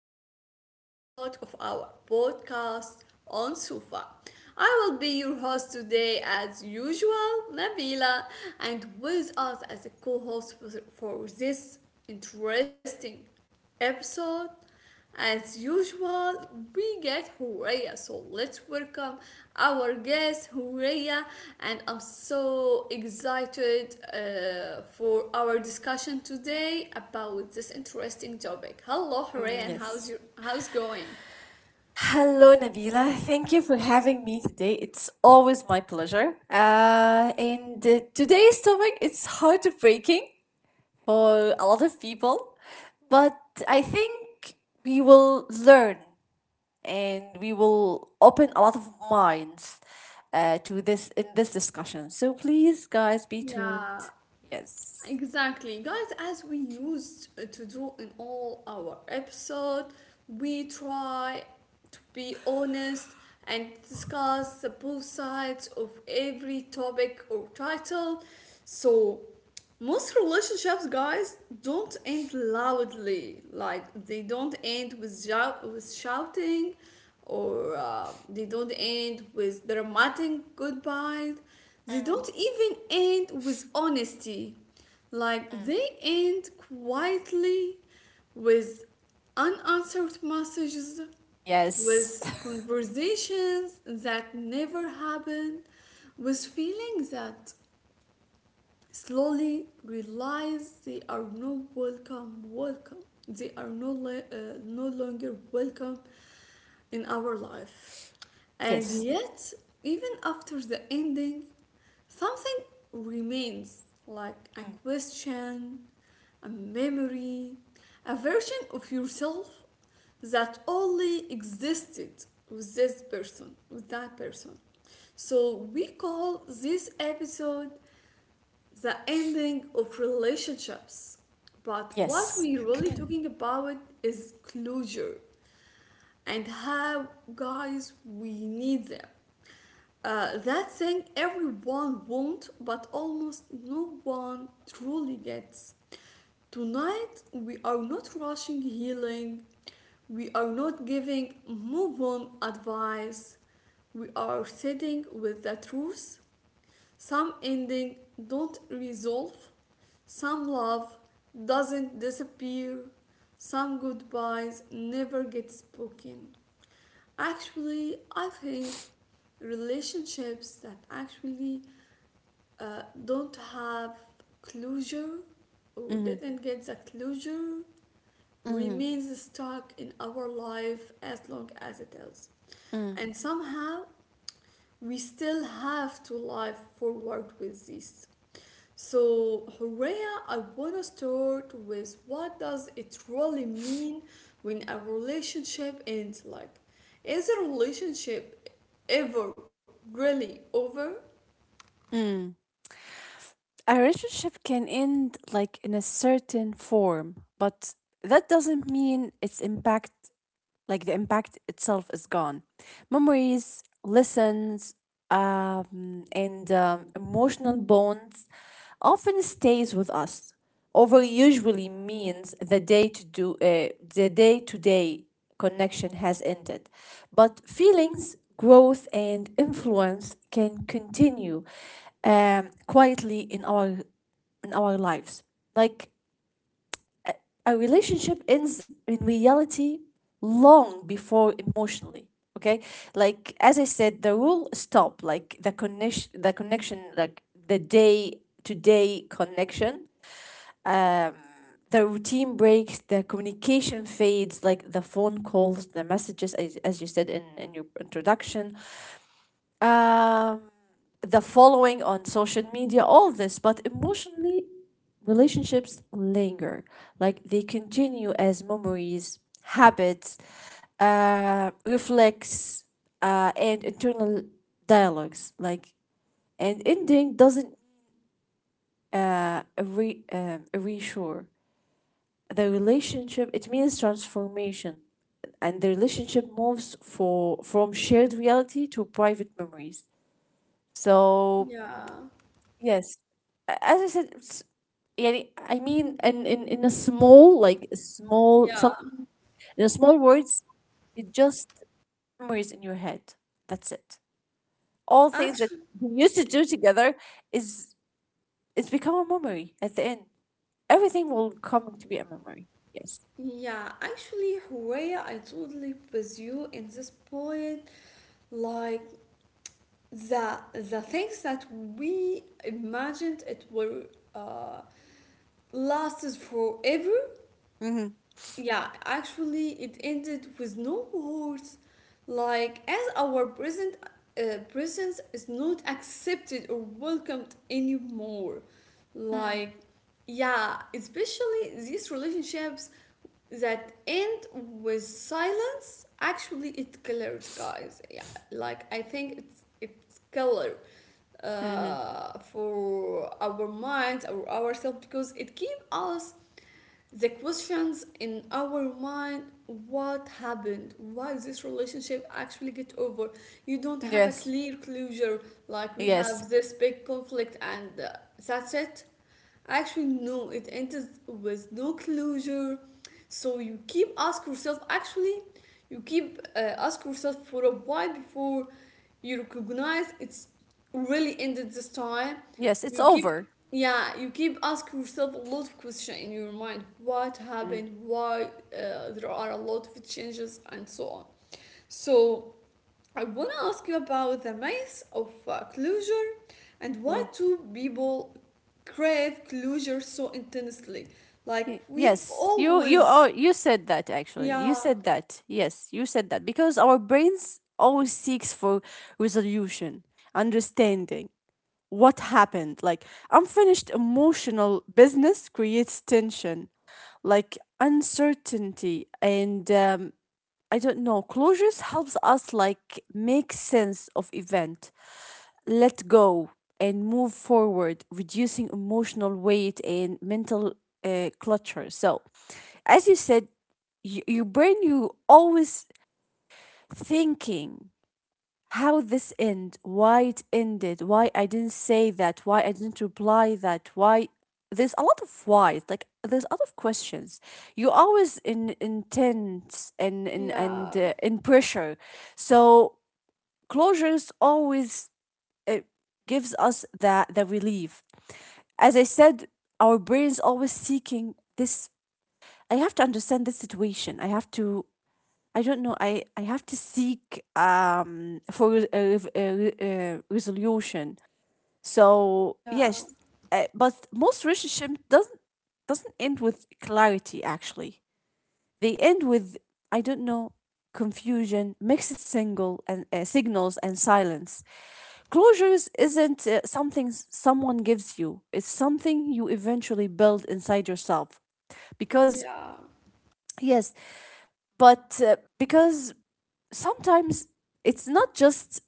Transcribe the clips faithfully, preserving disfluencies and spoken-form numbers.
to a new episode of our podcast on Sufa. I will be your host today, as usual, Nabila, and with us as a co host for this interesting episode as usual, we get Horea, so let's welcome our guest Horea, and I'm so excited uh, for our discussion today about this interesting topic. Hello, Horea, and how's Yes. your how's going? Hello, Nabila. Thank you for having me today. It's always my pleasure. Uh, and uh, today's topic is heartbreaking for a lot of people, but I think we will learn and we will open a lot of minds uh, to this in this discussion. So please, guys, be Yeah, tuned. Yes. exactly, guys, as we used to do in all our episode, we try to be honest and discuss the both sides of every topic or title. So, most relationships, guys, don't end loudly. Like they don't end with shout- with shouting, or uh, they don't end with dramatic goodbyes, they don't even end with honesty. Like they end quietly with unanswered messages, Yes. with conversations that never happened, with feeling that slowly realize they are no welcome welcome they are no, le- uh, no longer welcome in our life, and Yes. yet even after the ending something remains, like a question, a memory, a version of yourself that only existed with this person, with that person. So we call this episode the ending of relationships. But what Yes. we're really talking about is closure and how, guys, we need them. Uh, that thing everyone wants, but almost no one truly gets. Tonight, we are not rushing healing, we are not giving move on advice, we are sitting with the truth. Some ending don't resolve, some love doesn't disappear, some goodbyes never get spoken. Actually, I think relationships that actually uh, don't have closure or Mm-hmm. didn't get the closure Mm-hmm. remains stuck in our life as long as it is, Mm-hmm. and somehow we still have to live forward with this. So, Horea, I want to start with what does it really mean when a relationship ends? Like, is a relationship ever really over? Mm. A relationship can end, like, in a certain form, but that doesn't mean its impact, like, the impact itself is gone. Memories, lessons, um, and um, emotional bonds often stays with us. Over usually means the day to do uh, the day to day connection has ended, but feelings, growth, and influence can continue, um, quietly in our in our lives. Like, a relationship ends in reality long before emotionally. Okay, like, as I said, the rule stop. Like, the connection the connection like the day to day connection. um the routine breaks, the communication fades, like the phone calls, the messages, as, as you said in, in your introduction. um, the following on social media, all this. But emotionally, relationships linger. Like, they continue as memories, habits, uh, reflex, uh, and internal dialogues. Like, and ending doesn't uh, re- um reassure the relationship. It means transformation. And the relationship moves for from shared reality to private memories. So. Yeah, Yes. A- As I said, s- يعني I mean, in in in a small like a small yeah. some in a small words, it just memories in your head. That's it. All things that Actually, you used to do together is it's become a memory at the end. Everything will come to be a memory. Yes. yeah, actually, Horea, I totally with you in this point. Like the the things that we imagined it were uh, lasted forever. Mm-hmm. Yeah, actually, it ended with no words. Like, as our present uh, presence is not accepted or welcomed anymore. Like, yeah, especially these relationships that end with silence. Actually, it colors, guys. Yeah, like I think it's it's color Mm-hmm. uh, for our minds or ourselves because it keeps us the questions in our mind. What happened? Why this relationship actually get over? You don't have a Yes. clear closure, like we Yes. have this big conflict and uh, that's it. Actually, no, it ends with no closure, so you keep ask yourself. Actually, you keep uh, ask yourself for a while before you recognize it's really ended this time. Yes. It's You keep, over. yeah, you keep ask yourself a lot of question in your mind. What Mm-hmm. happened? Why? Uh, there are a lot of changes and so on. So I want to ask you about the myth of uh, closure, and why do people crave closure so intensely? Like Y- we Yes, you you always, are you said that actually. You yeah, said that. Yes, you said that because our brains always seeks for resolution, understanding what happened. Like, unfinished emotional business creates tension, like uncertainty and, um, I don't know. Closures helps us like make sense of event, let go, and move forward, reducing emotional weight and mental uh, clutter. So, as you said, y- your brain, you always thinking how this end, why it ended, why I didn't say that, why I didn't reply that, why. There's a lot of whys, like there's a lot of questions. You're always in intense and and and yeah, uh, in pressure, so closure is always, it gives us that the relief. As I said, our brains always seeking this. I have to understand this situation. I have to, I don't know, i i have to seek, um for re- a, re- a, re- a resolution. So yeah, yes, uh, but most relationship doesn't doesn't end with clarity actually. They end with, I don't know, confusion, mixed single and uh, signals and silence. Closures isn't uh, something s- someone gives you. It's something you eventually build inside yourself. Because yeah, yes, but, uh, because sometimes it's not just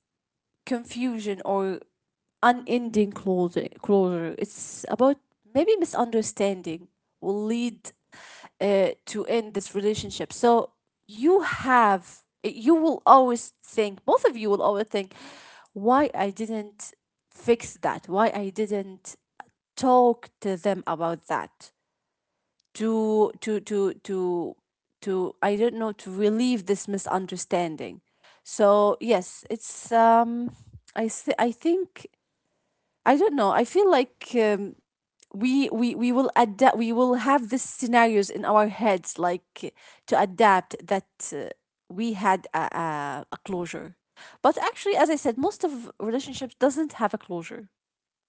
confusion or unending closure. closure. It's about, maybe, misunderstanding will lead uh, to end this relationship. So you have, you will always think, both of you will always think, why I didn't fix that? Why I didn't talk to them about that? To to to to to I don't know, to relieve this misunderstanding. So yes, it's, um I th- I think, I don't know. I feel like, um, we we we will adapt. We will have these scenarios in our heads, like to adapt that, uh, we had a, a, a closure. But actually, as I said, most of relationships doesn't have a closure.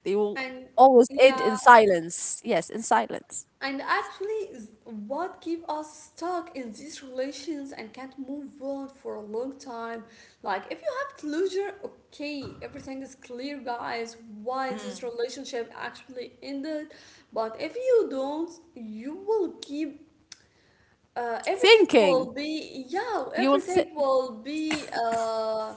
They will and always end in yeah, silence. Yes, in silence. and actually, is what keep us stuck in these relations and can't move on for a long time? Like, if you have closure, okay, everything is clear, guys, why this relationship actually ended. But if you don't, you will keep uh, everything Thinking. will be, yeah, You will. Th- everything will be uh.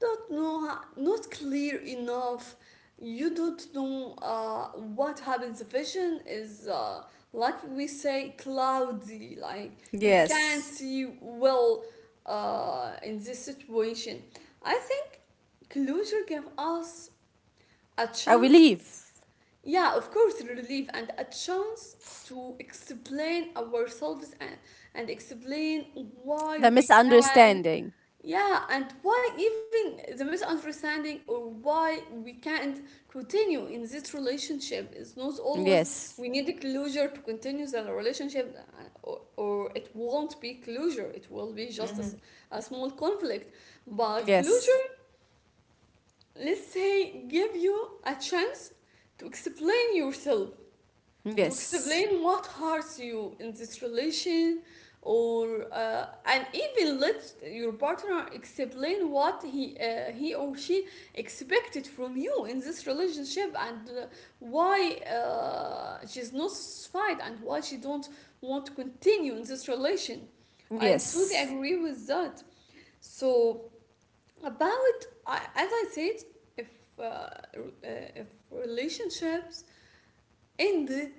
Don't know, not clear enough. You don't know uh, what happens. The vision is uh, like we say, cloudy, like you can't Yes. see well uh, in this situation. I think closure gave us a A chance, relief. yeah, of course, relief and a chance to explain ourselves, and, and explain why The we can, misunderstanding. yeah, and why even the misunderstanding or why we can't continue in this relationship is not always we Yes. need a closure to continue the relationship, uh, or, or it won't be closure, it will be just a, s- Hmm. a small conflict. But closure, Yes. let's say, give you a chance to explain yourself, to Yes. explain what hurts you in this relation or uh, and even let your partner explain what he uh, he or she expected from you in this relationship, and uh, why uh, she's not satisfied and why she don't want to continue in this relation. I totally Yes. agree with that. So about, I as I said, if uh, re- uh, if relationships ended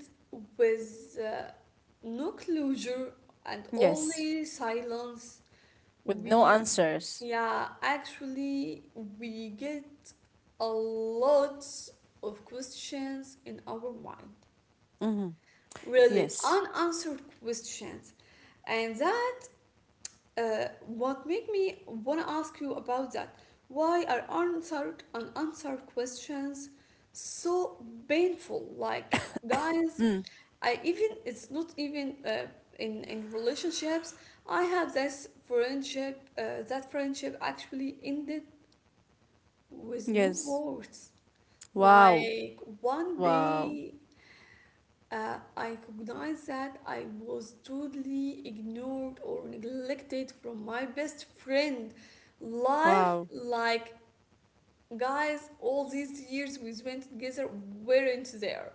with uh, no closure and Yes, only silence. with no We, answers. yeah, actually, we get a lot of questions in our mind, Mm-hmm. really Yes. unanswered questions, and that uh, what make me wanna ask you about that. Why are answered unanswered questions so painful? Like, guys, Mm. I even it's not even uh, in in relationships. I have this friendship. Uh, that friendship actually ended with no Yes. words. Wow. Like one Wow. day, uh, I recognized that I was totally ignored or neglected from my best friend. Life Wow. like, guys, all these years we spent together weren't there.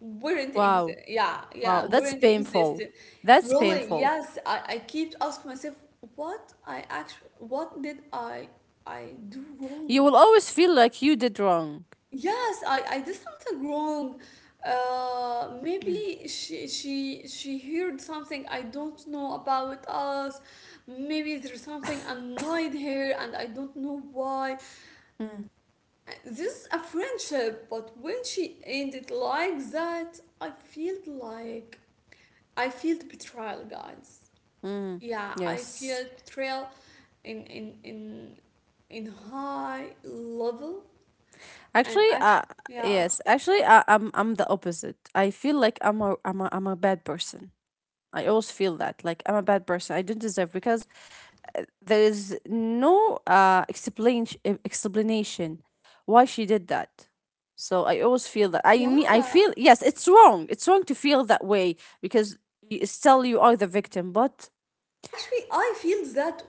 Weren't Wow. exist. Yeah, yeah, Wow. That's weren't painful. existed. That's Really, painful. yes, I, I keep asking myself, what I actually, what did I, I do You will wrong? always feel like you did wrong. Yes, I, I did something wrong. Uh, maybe she she she heard something I don't know about us. Maybe there's something annoyed her and I don't know why. Mm. This is a friendship, but when she ended like that, I felt like I felt betrayal, guys. Mm. Yeah, I Yes. feel betrayal in in in in high level, and Actually, uh, actually, yeah, yes. Actually, I, I'm I'm the opposite. I feel like I'm a I'm a I'm a bad person. I always feel that, like, I'm a bad person. I don't deserve, because there is no uh, explain eh, explanation why she did that. So I always feel that, I mean, I yeah. feel, yes, it's wrong it's wrong to feel that way, because y- still you are the victim, but. Actually, I feel that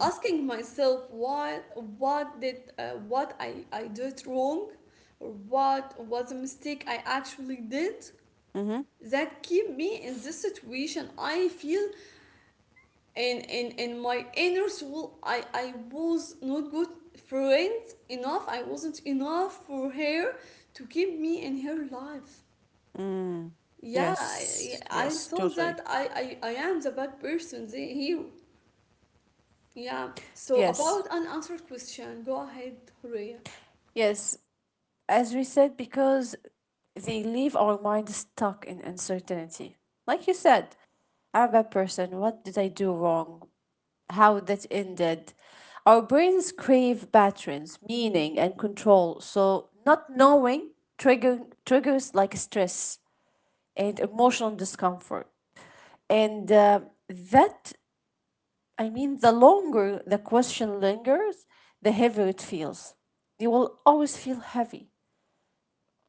asking myself what what did uh, what I I did wrong, or what was a mistake I actually did, Mm-hmm. that keep me in this situation. I feel in in in my inner soul i i was not good friend enough. I wasn't enough for her to keep me in her life. Mm. Yeah, i, Yes, I yes, thought that totally. I, I I am the bad person they, here. Yeah, so Yes, about unanswered question, go ahead Horea. yes. As we said, because they leave our mind stuck in uncertainty. Like you said, I'm a bad person. What did I do wrong? How that ended. Our brains crave patterns, meaning, and control. So, not knowing trigger, triggers like stress and emotional discomfort. And, uh, that, I mean, the longer the question lingers, the heavier it feels. You will always feel heavy,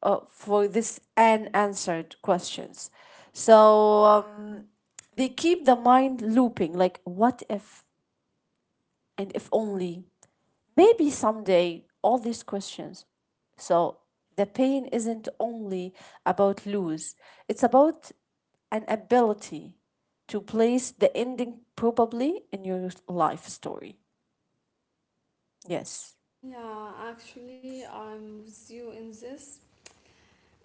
uh, for this unanswered questions. So, um, they keep the mind looping, like, what if, and if only, maybe someday, all these questions. So, the pain isn't only about lose, it's about an ability to place the ending probably in your life story. Yes. Yeah, actually I'm with you in this.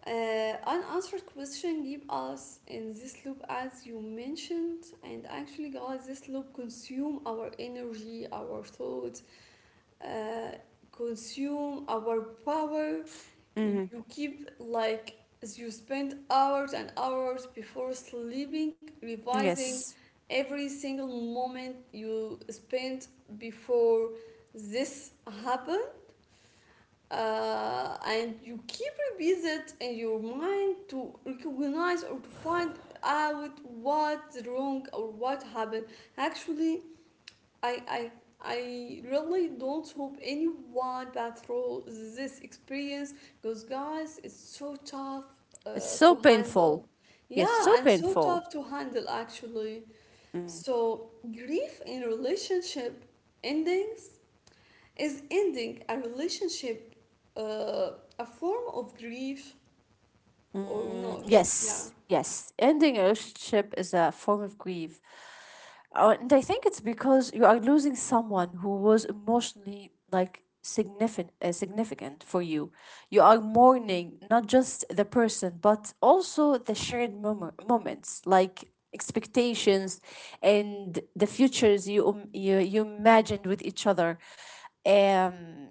Uh, unanswered question keep us in this loop as you mentioned, and actually guys this loop consume our energy, our thoughts, uh, consume our power. Mm-hmm. You keep like you spend hours and hours before sleeping revising Yes. every single moment you spent before this happened, uh, and you keep revisit in your mind to recognize or to find out what's wrong or what happened. Actually, i i I really don't hope anyone passed through this experience, because guys it's so tough It's uh, to so handle, painful. Yes, yeah, so and so tough painful. to handle actually. So grief in relationship endings, is ending a relationship uh, a form of grief or Mm, not? Yeah. yes, yes. Ending a relationship is a form of grief. Uh, and I think it's because you are losing someone who was emotionally, like, significant uh, significant for you. You are mourning not just the person, but also the shared mom- moments, like expectations and the futures you, um, you, you imagined with each other. Um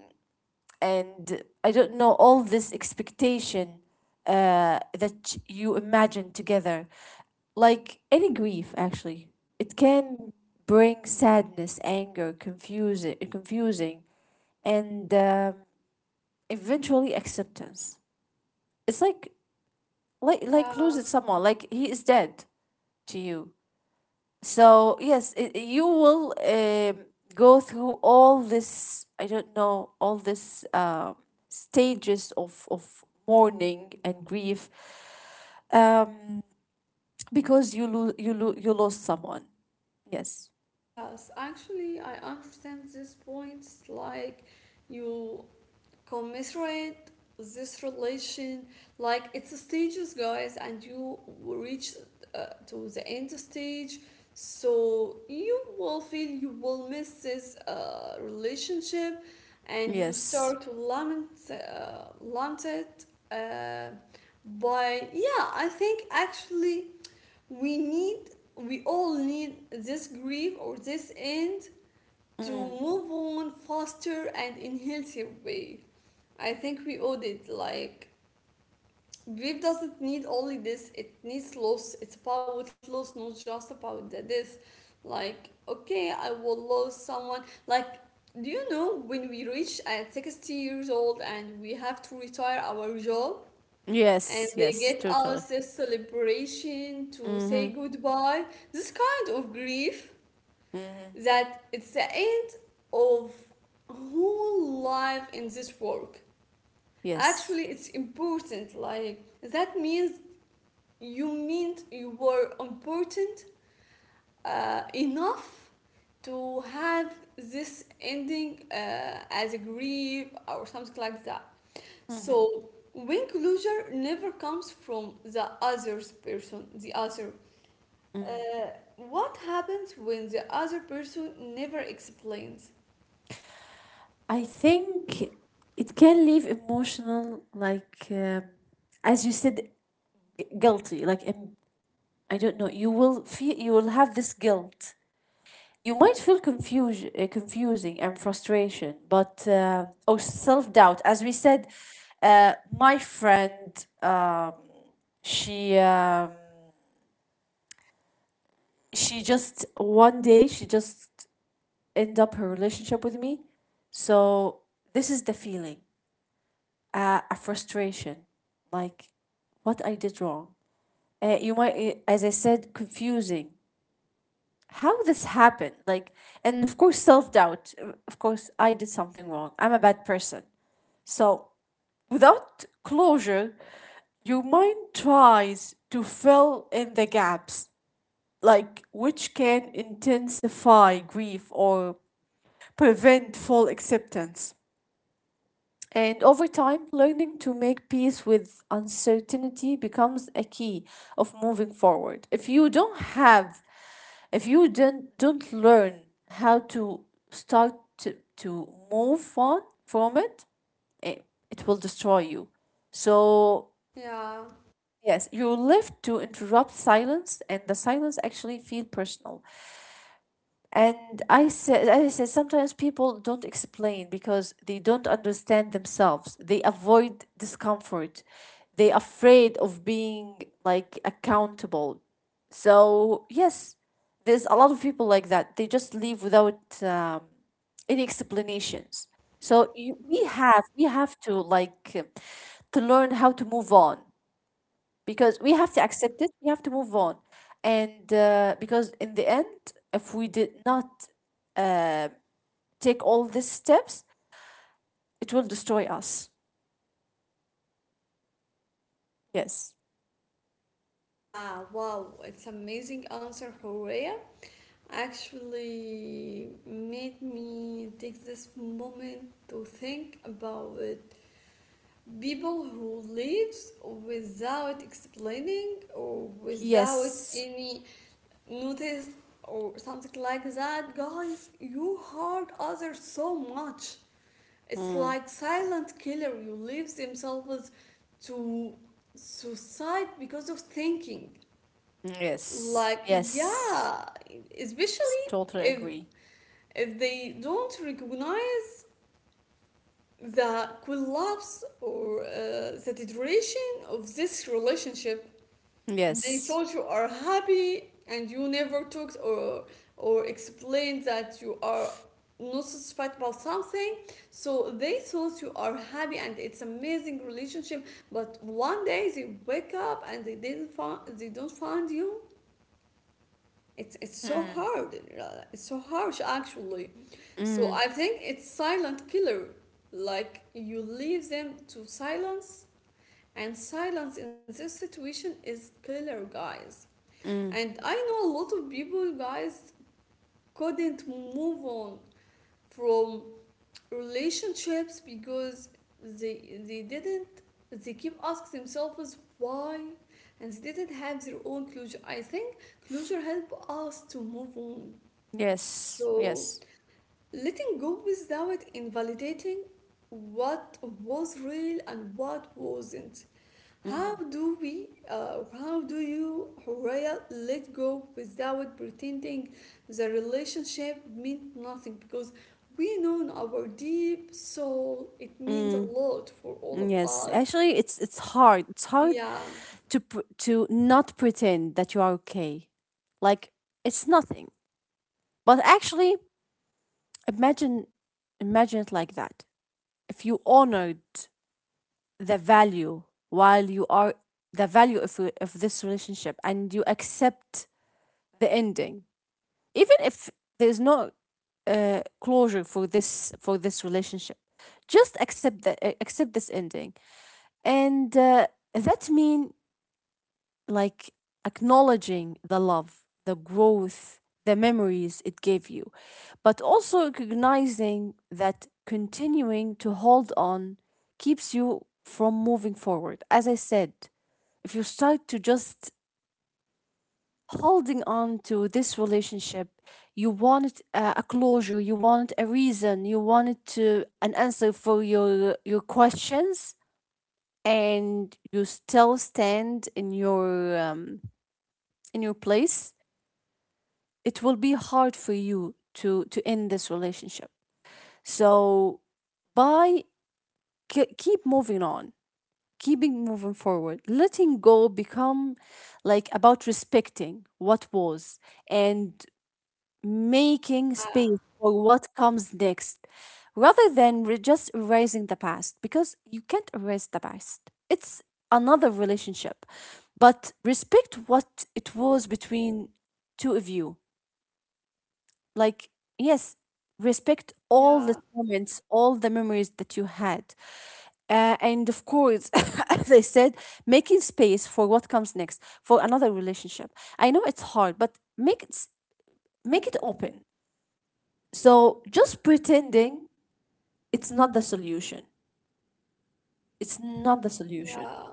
and I don't know, all this expectation uh, that you imagine together. Like any grief, actually, it can bring sadness, anger, confusing, confusing, and, um, eventually, acceptance. It's like like like losing Yeah. someone. Like, he is dead to you, so yes, it, you will, um, go through all this, I don't know, all this, um stages of of mourning and grief, um, because you lo- you lo- you lost someone. Yes. Yes, actually, I understand this point. Like, you commiserate this relation, like, it's stages, guys, and you reach uh, to the end stage. So, you will feel you will miss this uh, relationship, and you Yes. start to lament, uh, lament it. Uh, by, yeah, I think actually we need we all need this grief or this end to Mm. move on faster and in healthier way. I think we owed it. Like grief doesn't need only this, it needs loss. It's about loss, not just about the death. Like okay, I will lose someone. Like, do you know when we reach at sixty years old and we have to retire our job and Yes. they Yes. get Totally. us this celebration to say Mm-hmm. goodbye. This kind of grief Mm-hmm. that it's the end of whole life in this work. Yes. Actually, it's important. Like that means you meant you were important uh, enough to have this ending uh, as a grief or something like that. Mm-hmm. So when closure never comes from the other person, the other, uh, what happens when the other person never explains? I think it can leave emotional, like, um as you said, g- guilty, like, em- I don't know. You will feel you will have this guilt. You might feel confusion, uh, confusing and frustration, but uh, or self doubt. As we said, uh, my friend, um, she um, she just one day she just end up her relationship with me. So this is the feeling, uh, a frustration, like, what I did wrong. Uh, you might, uh, as I said, confusing how this happened, like, and of course self-doubt. Uh, of course I did something wrong, I'm a bad person. So, without closure, your mind tries to fill in the gaps, like, which can intensify grief or prevent full acceptance. And over time, learning to make peace with uncertainty becomes a key of moving forward. If you don't have, if you don't, don't learn how to start to, to move on from it, it, it will destroy you. So, Yeah, yes, you're left to interrupt silence, and the silence actually feel personal. And, I said, I said, sometimes people don't explain because they don't understand themselves. They avoid discomfort. They afraid of being, like, accountable. So yes, there's a lot of people like that. They just leave without, um, any explanations. So, you, we yeah, have we have to, like, uh, to learn how to move on, because we have to accept it. We have to move on, and, uh, because in the end, if we did not uh, take all these steps, it will destroy us. Yes. yeah. Wow, it's amazing answer, Horea. Actually, made me take this moment to think about it. People who leaves without explaining or without Yes. any notice or something like that, guys, you hurt others so much. It's Mm. like silent killer who leaves themselves to suicide because of thinking, Yes. like, Yes. yeah, S- especially Totally if agree. if they don't recognize the collapse or uh, the deterioration of this relationship. They Yes. thought you are happy and you never talked or or explained that you are not satisfied about something. So they thought you are happy and it's amazing relationship. But one day they wake up and they didn't find they don't find you. It's it's so Mm. hard. uh, It's so harsh actually. Mm. So I think it's silent killer. Like you leave them to silence, and silence in this situation is killer, guys. Mm. And I know a lot of people, guys, couldn't move on from relationships because they they didn't, they keep asking themselves why, and they didn't have their own closure. I think closure help us to move on. Yes. So Yes. letting go without invalidating what was real and what wasn't. How Mhm. Do we, uh, how do you, Horea, let go without pretending the relationship meant nothing? Because we know in our deep soul it means a lot for all of Yes. us. Actually, it's it's hard. It's hard Yeah, to pr- to not pretend that you are okay. Like, it's nothing. But actually, imagine imagine it like that. If you honored the value while you are the value of, of this relationship, and you accept the ending, even if there's no uh, closure for this for this relationship, just accept the uh, accept this ending, and, uh, that mean, like, acknowledging the love, the growth, the memories it gave you, but also recognizing that continuing to hold on keeps you from moving forward. As I said, if you start to just holding on to this relationship, you want, uh, a closure, you want a reason, you want to an answer for your your questions, and you still stand in your, um, in your place, it will be hard for you to to end this relationship. So, by ke- keep moving on, keeping moving forward, letting go become like about respecting what was, and making yeah, space for what comes next, rather than re- just erasing the past, because you can't erase the past, it's another relationship, but respect what it was between two of you. Like, yes, respect all the yeah, moments, all the memories that you had. Uh, and of course, as I said, making space for what comes next, for another relationship. I know it's hard, but make it s- make it open. So just pretending, it's not the solution, it's not the solution. yeah.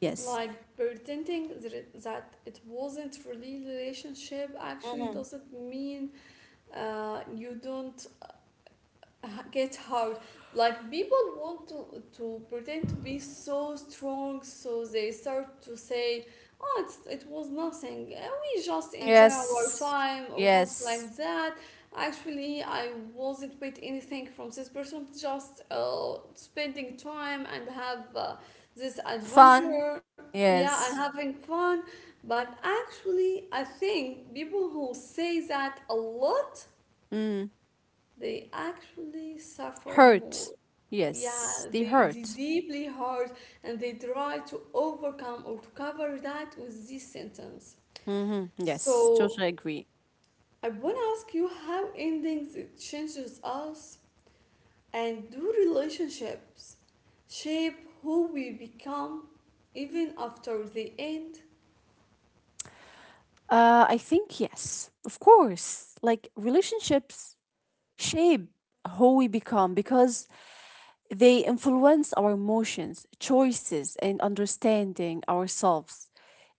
Yes. Like pretending that it, that it wasn't really relationship actually doesn't mean uh, you don't uh, get hard. Like people want to to pretend to be so strong, so they start to say, "Oh, it's, it was nothing. Uh, We just enjoy our Yes. time or something Yes. like that." Actually, I wasn't with anything from this person. Just uh, spending time and have uh, this Fun. adventure. Yeah, and Yes. having fun. But actually, I think people who say that a lot Mm. they actually suffer more. Hurt. Yeah, Yes, they they, they hurt. deeply hurt and they try to overcome or to cover that with this sentence. Hmm. Yes, So totally agree. I want to ask you how endings changes us and do relationships shape who we become even after they end? Uh, I think, yes, of course. Like relationships shape who we become because they influence our emotions, choices, and understanding ourselves,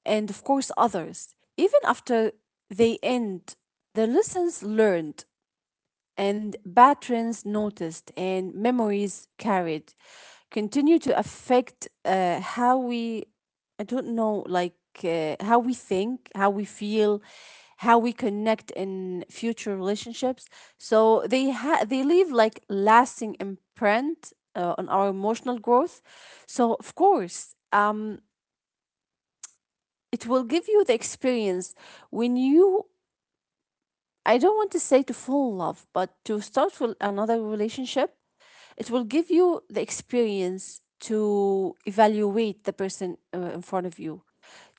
and of course others. Even after they end, the lessons learned and patterns noticed and memories carried continue to affect uh, how we, I don't know, like uh, how we think, how we feel, how we connect in future relationships. So they ha- they leave like lasting imprint uh, on our emotional growth. So of course, um, it will give you the experience when you. I don't want to say to fall in love, but to start with another relationship. It will give you the experience to evaluate the person uh, in front of you,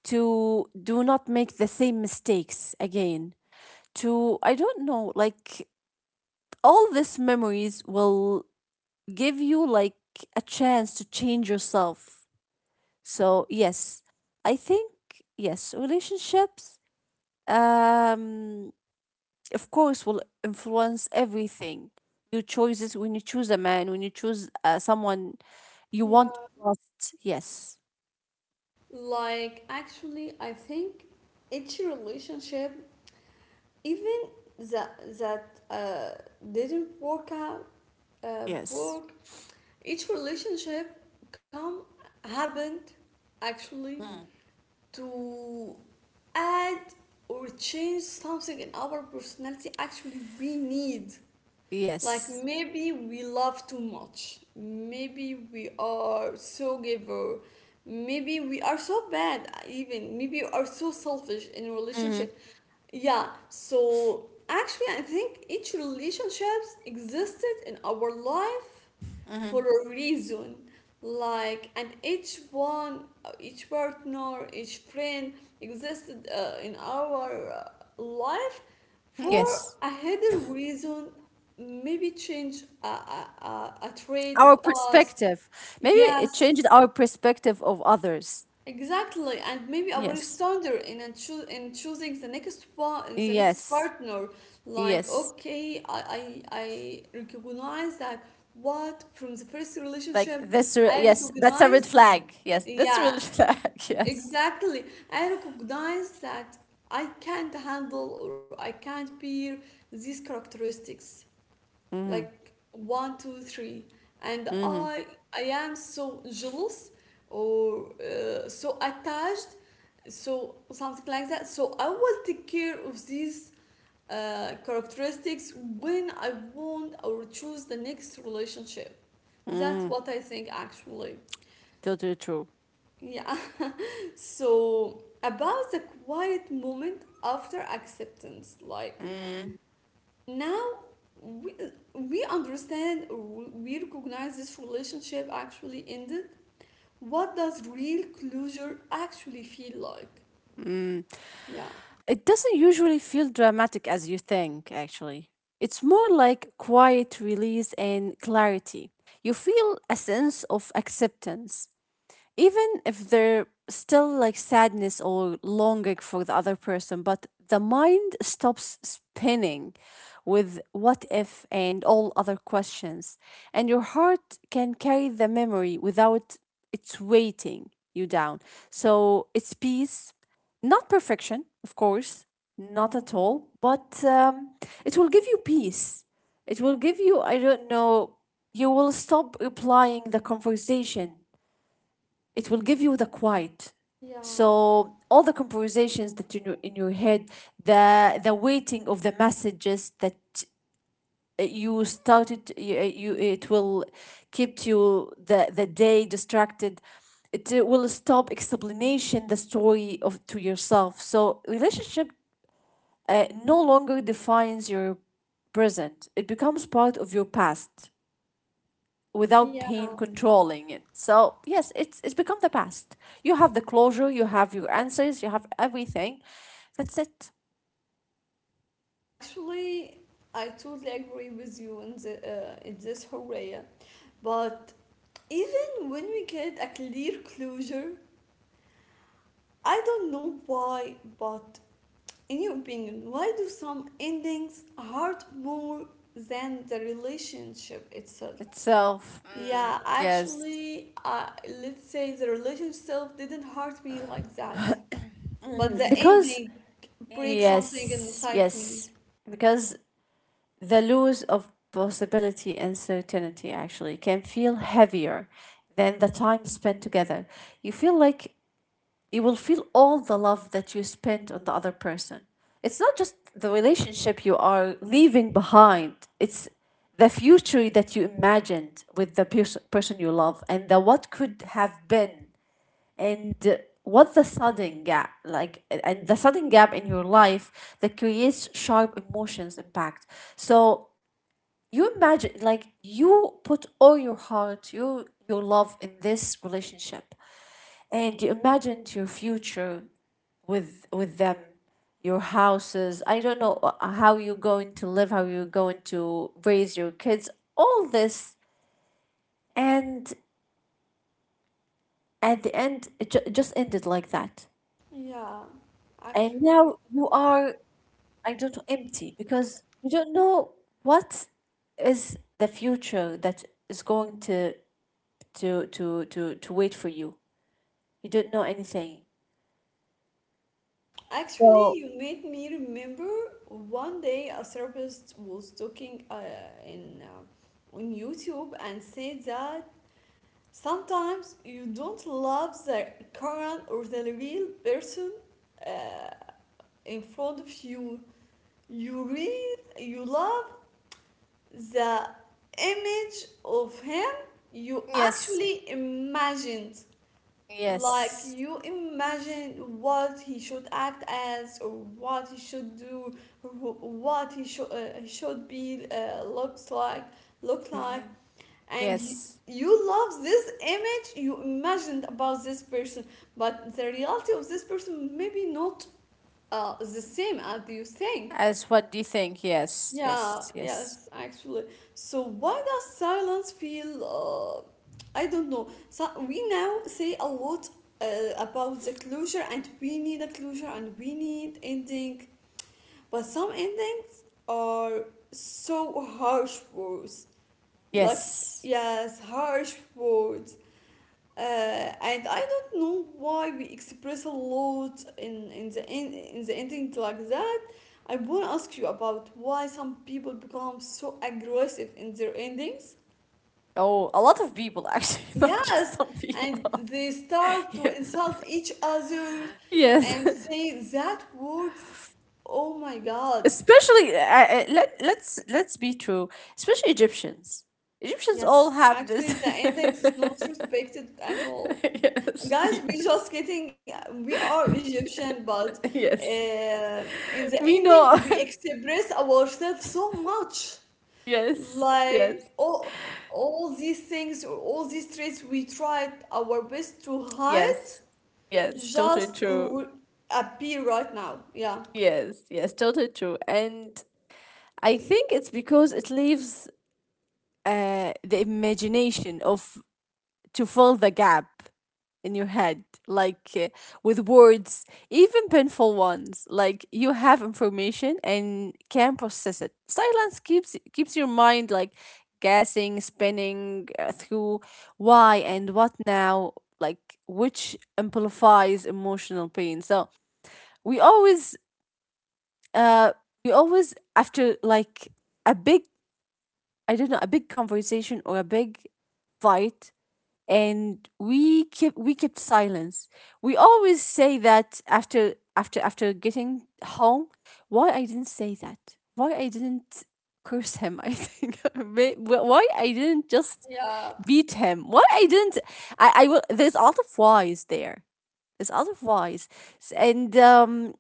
to do not make the same mistakes again, to, I don't know, like all these memories will give you like a chance to change yourself. So, yes, I think, yes, relationships, um, of course, will influence everything. Your choices when you choose a man, when you choose uh, someone. You Yeah. want trust. Yes. Like actually I think each relationship even that that uh, didn't work out uh, Yes. work each relationship come happened actually Mm. to add or change something in our personality actually we need, like Yes. maybe we love too much, maybe we are so giver, maybe we are so bad, even maybe we are so selfish in a relationship. Mm-hmm. Yeah, so actually, I think each relationships existed in our life Mm-hmm. for a reason. Like, and each one, uh, each partner, each friend existed uh, in our uh, life for Yes. a hidden reason. Maybe change a, a, a, a trait Our of us. perspective. Maybe it Yes, changes our perspective of others. exactly, and maybe our Yes. standard in a choo- in choosing the next one, in the next Yes. partner, like Yes. okay, I, I I recognize that what from the first Like relationship, this. re- I Yes. That's a red recognize, flag. Yes. That's a yeah, red flag. Yes. exactly, I recognize that I can't handle or I can't bear these characteristics, Mm-hmm. like one two three, and Mm-hmm. i i am so jealous, or uh, so attached, so something like that, so I will take care of these uh, characteristics when I want or choose the next relationship. That's Mm-hmm. what I think actually. Totally true. Yeah. So about the quiet moment after acceptance, like now we, we understand or we recognize this relationship actually ended, what does real closure actually feel like? Mm. Yeah. It doesn't usually feel dramatic as you think, actually. It's more like quiet release and clarity. You feel a sense of acceptance, even if they still like sadness or longing for the other person, but the mind stops spinning with what if and all other questions, and your heart can carry the memory without its weighting you down. So it's peace, not perfection, of course, not at all, but um, it will give you peace. It will give you, I don't know, you will stop replying the conversation. It will give you the quiet, Yeah, so all the conversations that you know in your head, the the waiting of the messages that uh, you started uh, you, uh, you, it will keep you the the day distracted. It uh, will stop explanation the story of to yourself, so relationship uh, no longer defines your present. It becomes part of your past without yeah, pain controlling it. So yes, it's it's become the past. You have the closure, you have your answers, you have everything. That's it. actually I totally agree with you in, the, uh, in this Horea. But even when we get a clear closure, I don't know why, but in your opinion, why do some endings hurt more than the relationship itself? Itself. Mm, Yeah, yes. actually, uh, let's say the relationship itself didn't hurt me like that, but the Because ending breaks something Yes. inside me. Yes. Because the loss of possibility and certainty actually can feel heavier than the time spent together. You feel like you will feel all the love that you spent on the other person. It's not just the relationship you are leaving behind, it's the future that you imagined with the pers- person you love, and the what could have been, and what the sudden gap like, and the sudden gap in your life that creates sharp emotions impact. So you imagine like you put all your heart, you, your love in this relationship, and you imagined your future with with them, your houses, I don't know, uh, how you're going to live, how you're going to raise your kids, all this, and at the end it ju- just ended like that. Yeah, And actually, now you are, I don't know, empty because you don't know what is the future that is going to to to to to wait for you. You don't know anything. So actually, you made me remember one day a therapist was talking uh, in uh, on YouTube and said that sometimes you don't love the current or the real person uh, in front of you. You read, you love the image of him you Yes. actually imagined, like Yes. you imagine what he should act as or what he should do, or what he should uh, should be uh, looks like look like, Hmm. and you, Yes. you love this image you imagined about this person, but the reality of this person maybe not uh, the same as you think. As what do you think? Yes. Yeah, Yes. Yes. yes, actually. So why does silence feel, uh, I don't know. So we now say a lot uh, about the closure, and we need a closure and we need ending, but some endings are so harsh words, like, Yes. yes, harsh words, uh, and I don't know why we express a lot in in the in, in the ending like that. I want to ask you about why some people become so aggressive in their endings. Oh, a lot of people actually, not just Yes, some and people. they start to Yeah. insult each other Yes. and say that words. Oh my God. Especially, uh, uh, let let's let's be true. Especially Egyptians. Egyptians all Yes, have this. actually, the index is not respected at all. Yes. Guys, Yes. we just getting, we are Egyptian, but Yes. uh, in the We know. ending, we express ourselves so much. Yes. Yes. Like all, all these things, all these traits, we tried our best to hide, Yes. Yes. Totally just true. re- appear right now. Yeah. Yes. Yes. Totally true. And I think it's because it leaves uh, the imagination of to fill the gap in your head, like uh, with words, even painful ones. Like you have information and can process it. Silence keeps keeps your mind like guessing, spinning uh, through why and what now. Like which amplifies emotional pain. So we always uh we always after like a big, I don't know, a big conversation or a big fight, and we kept we kept silence, we always say that after after after getting home, why I didn't say that, why I didn't curse him, I think May- wh- why I didn't just Yeah, beat him, why I didn't, i i will, there's a lot of whys there, there's a lot of whys. S- and um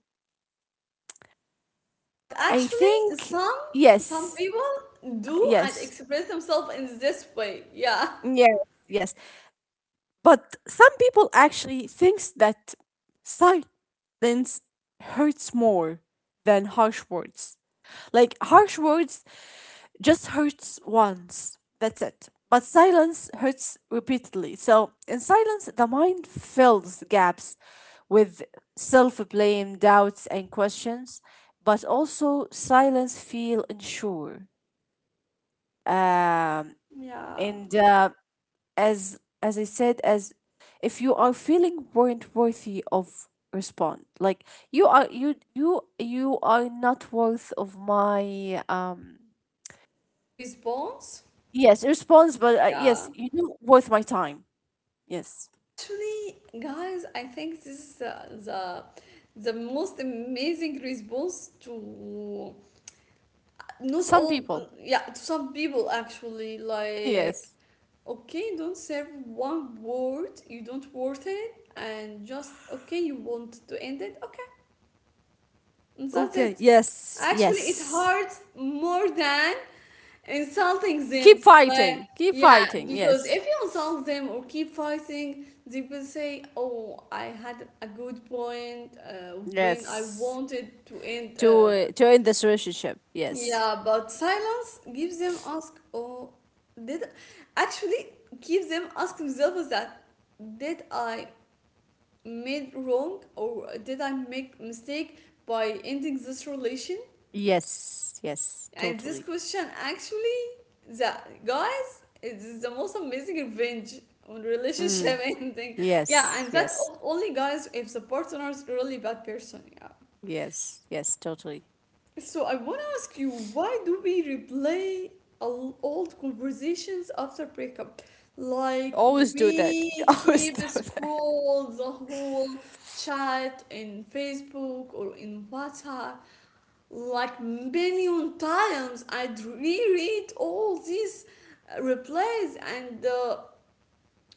but I actually, think some some yes, people do and yes, express themselves in this way. Yeah. yes, yes, But some people actually thinks that silence hurts more than harsh words. Like harsh words just hurts once. That's it. But silence hurts repeatedly. So in silence, the mind fills gaps with self-blame, doubts, and questions. But also silence feel unsure. Um, Yeah. and uh, as as I said, as if you are feeling weren't worthy of respond, like you are you you you are not worth of my um Response? yes response, but uh, Yeah. yes you do worth my time. Yes. Actually, guys, I think this is uh, the the most amazing response to, not Some all, people. yeah, to some people actually. Like, Yes. okay, don't serve one word, you don't worth it, and just okay, you want to end it, okay, and that's Okay, it. yes, Actually, it yes. hurts more than insulting Keep them, like, fighting. Keep yeah, fighting. because Yes. if you insult them or keep fighting, they will say, oh, I had a good point uh, when I Yes. wanted to end To uh, uh, to end this relationship. Yes. yeah, but silence gives them ask, oh, did, actually gives them ask themselves that, did I made wrong or did I make mistake by ending this relation? Yes. Yes. And this Totally. question actually, the, guys, it's the most amazing revenge on Mm. relationship ending. Yeah, Yes. and that, Yes. o- only guys, if the partner is really bad person. Yeah. Yes, yes, totally. So I want to ask you, why do we replay al- old conversations after breakup? We Like, always do that. we We always do keep that. scroll the whole chat in Facebook or in WhatsApp, like, million times. I'd reread all these uh, replays, and uh,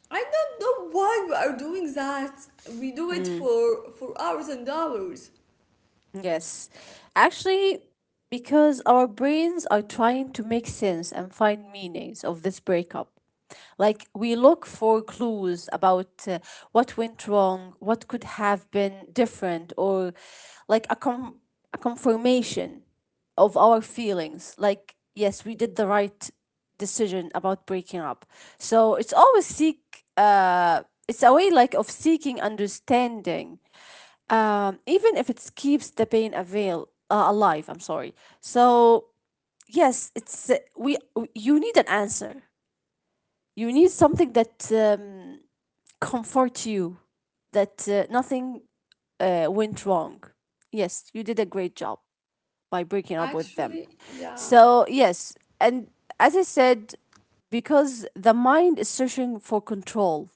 I don't know why we are doing that. We do it for for hours and hours. Yes. Actually, because our brains are trying to make sense and find meanings of this breakup. Like, we look for clues about uh, what went wrong, what could have been different, or like a, com- a confirmation of our feelings. Like, yes, we did the right decision about breaking up. So it's always seek, uh, it's a way like of seeking understanding, um, even if it keeps the pain avail uh, alive. I'm sorry. So yes, it's uh, we. w- you need an answer. You need something that um, comforts you. That uh, nothing uh, went wrong. Yes, you did a great job by breaking up with them. Actually, yeah. So yes, and as I said, because the mind is searching for control.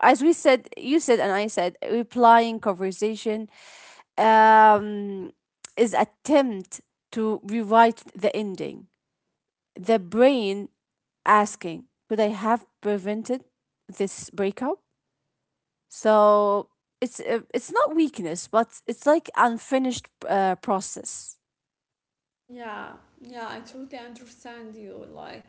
As we said, you said, and I said, replying conversation um, is attempt to rewrite the ending. The brain asking, could I have prevented this breakup? So it's uh, it's not weakness, but it's like unfinished uh, process. Yeah, yeah, I totally understand you. Like,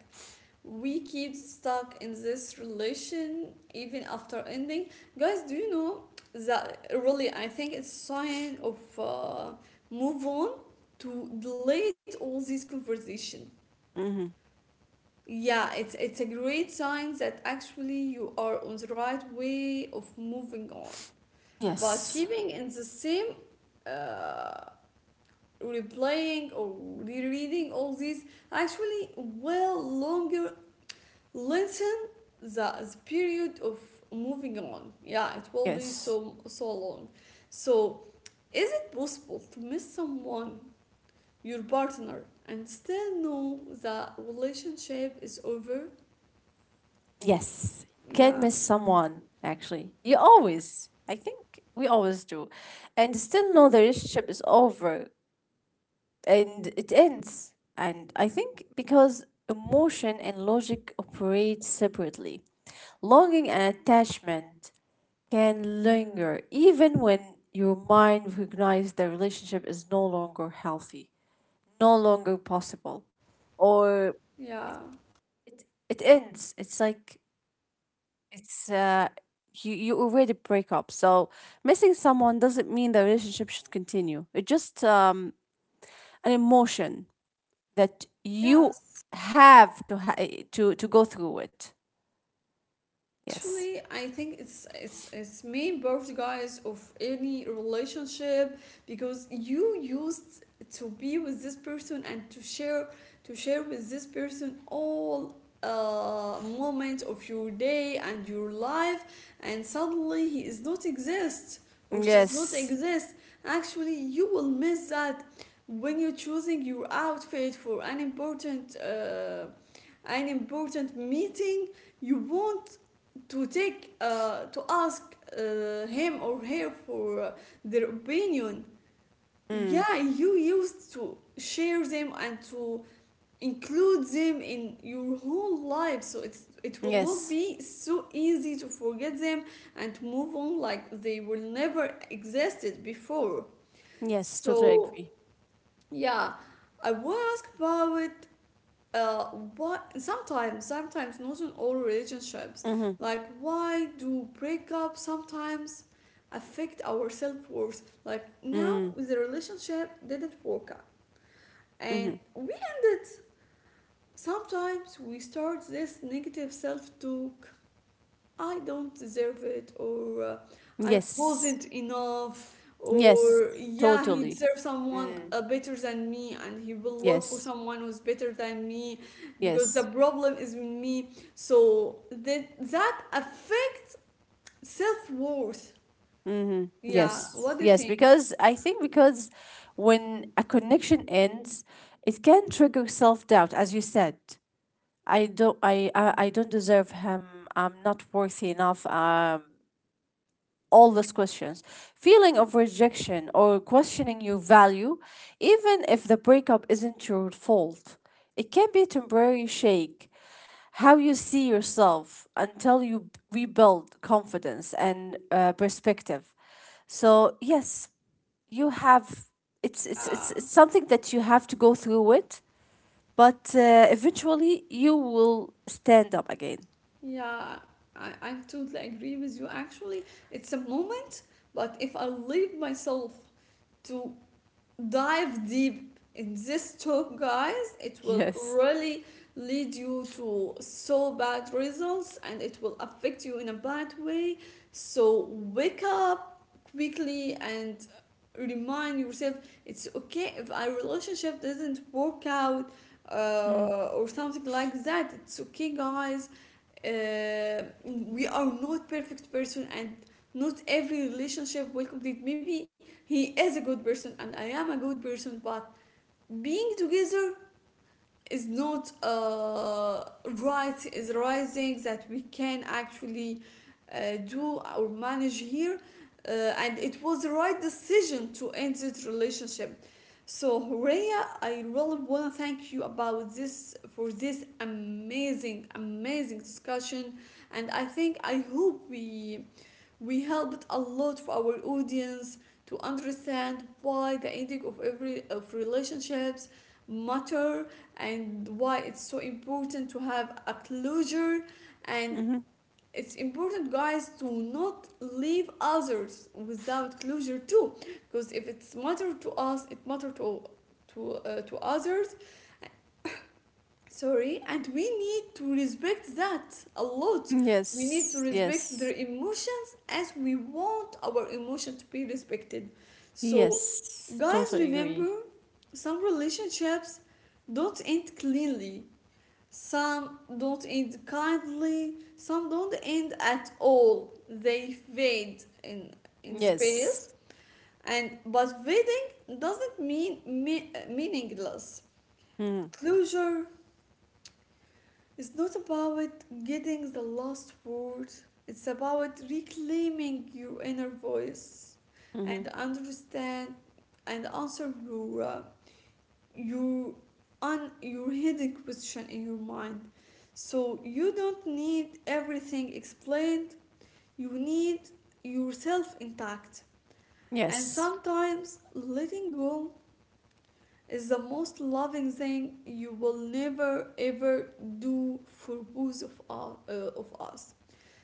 we keep stuck in this relation even after ending. Guys, do you know that really I think it's sign of uh, move on to delete all these conversation. Hmm. Yeah, it's it's a great sign that actually you are on the right way of moving on. But Yes. keeping in the same, uh, replaying or rereading all these, actually will longer, lengthen the, the period of moving on. Yeah, it will be Yes. so so long. So, is it possible to miss someone, your partner, and still know the relationship is over? Yes, can Yeah, miss someone, actually. You always. I think we always do. And still know the relationship is over. And it ends. And I think because emotion and logic operate separately, longing and attachment can linger even when your mind recognizes the relationship is no longer healthy, no longer possible, or yeah, it, it ends. It's like it's uh, you you already break up. So missing someone doesn't mean the relationship should continue. It's just um, an emotion that you yes. have to ha- to to go through it. Yes. Actually, I think it's, it's it's main birth, guys, of any relationship, because you used to be with this person and to share to share with this person all uh moments of your day and your life, and suddenly he is not exist or she's not Yes. exist. Actually, you will miss that when you're choosing your outfit for an important uh an important meeting. You won't to take uh, to ask uh, him or her for uh, their opinion. Mm. Yeah, you used to share them and to include them in your whole life, so it's it will not Yes. be so easy to forget them and move on like they will never existed before. Yes. Totally So, agree. yeah, I want to ask about, uh, what sometimes sometimes not in all relationships, Mm-hmm. like, why do breakup sometimes affect our self-worth? Like, now Mm. the relationship didn't work out, Mm-hmm. and we, sometimes we start this negative self-talk, I don't deserve it, or uh, I Yes. wasn't enough, Yes. or, yeah, he Totally. deserves someone Mm. uh, better than me, and he will look for Yes. someone who's better than me because the Yes. problem is with me. So that that affects self worth. Mm-hmm. Yeah, Yes. what do you Yes. think? Because I think because when a connection ends, it can trigger self doubt, as you said. I don't. I, I. I don't deserve him. I'm not worthy enough. Um. All these questions. Feeling of rejection or questioning your value, even if the breakup isn't your fault. It can be a temporary shake, how you see yourself until you b- rebuild confidence and uh, perspective. So yes, you have it's, it's it's Yeah, it's something that you have to go through it, but uh, eventually you will stand up again. yeah, I, I totally agree with you. Actually, it's a moment, but if I leave myself to dive deep in this talk, guys, it will Yes. really lead you to so bad results, and it will affect you in a bad way. So, wake up quickly and remind yourself it's okay if our relationship doesn't work out, uh, or something like that. It's okay, guys. Uh, we are not perfect person, and not every relationship will complete. Maybe he is a good person and I am a good person, but being together is not, uh, right is the right thing that we can actually uh, do or manage here, uh, and it was the right decision to end this relationship. So, Horea, I really want to thank you about this for this amazing, amazing discussion, and I think, I hope we we helped a lot of our audience to understand why the ending of every of relationships matter, and why it's so important to have a closure, and Mm-hmm. it's important, guys, to not leave others without closure too, because if it's matter to us, it matter to, to uh, to others. Sorry, and we need to respect that a lot. We need Yes. to respect Yes. their emotions as we want our emotion to be respected. So, Yes, guys, totally agree. remember, some relationships don't end cleanly, some don't end kindly, some don't end at all. They fade in, in Yes. space, and but fading doesn't mean me- meaningless. Closure, it's not about getting the last word, it's about reclaiming your inner voice Mm-hmm. and understand and answer your uh, your un, your hidden question in your mind. So you don't need everything explained, you need yourself intact. And Yes. sometimes letting go is the most loving thing you will never ever do for both of, u- uh, of us.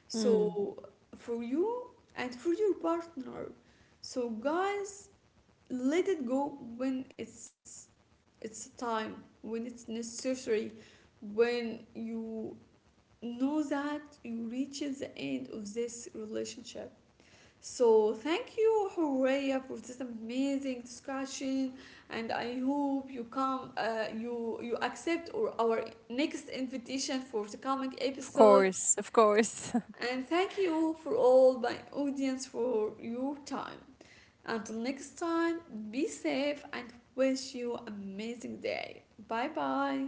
Mm. So, for you and for your partner. So, guys, let it go when it's it's time, when it's necessary, when you know that you reach the end of this relationship. So thank you, Horea, for this amazing discussion, and I hope you come, uh, you you accept or our next invitation for the coming Of episode. course, of course. And thank you for all my audience for your time. Until next time, be safe and wish you amazing day. Bye bye.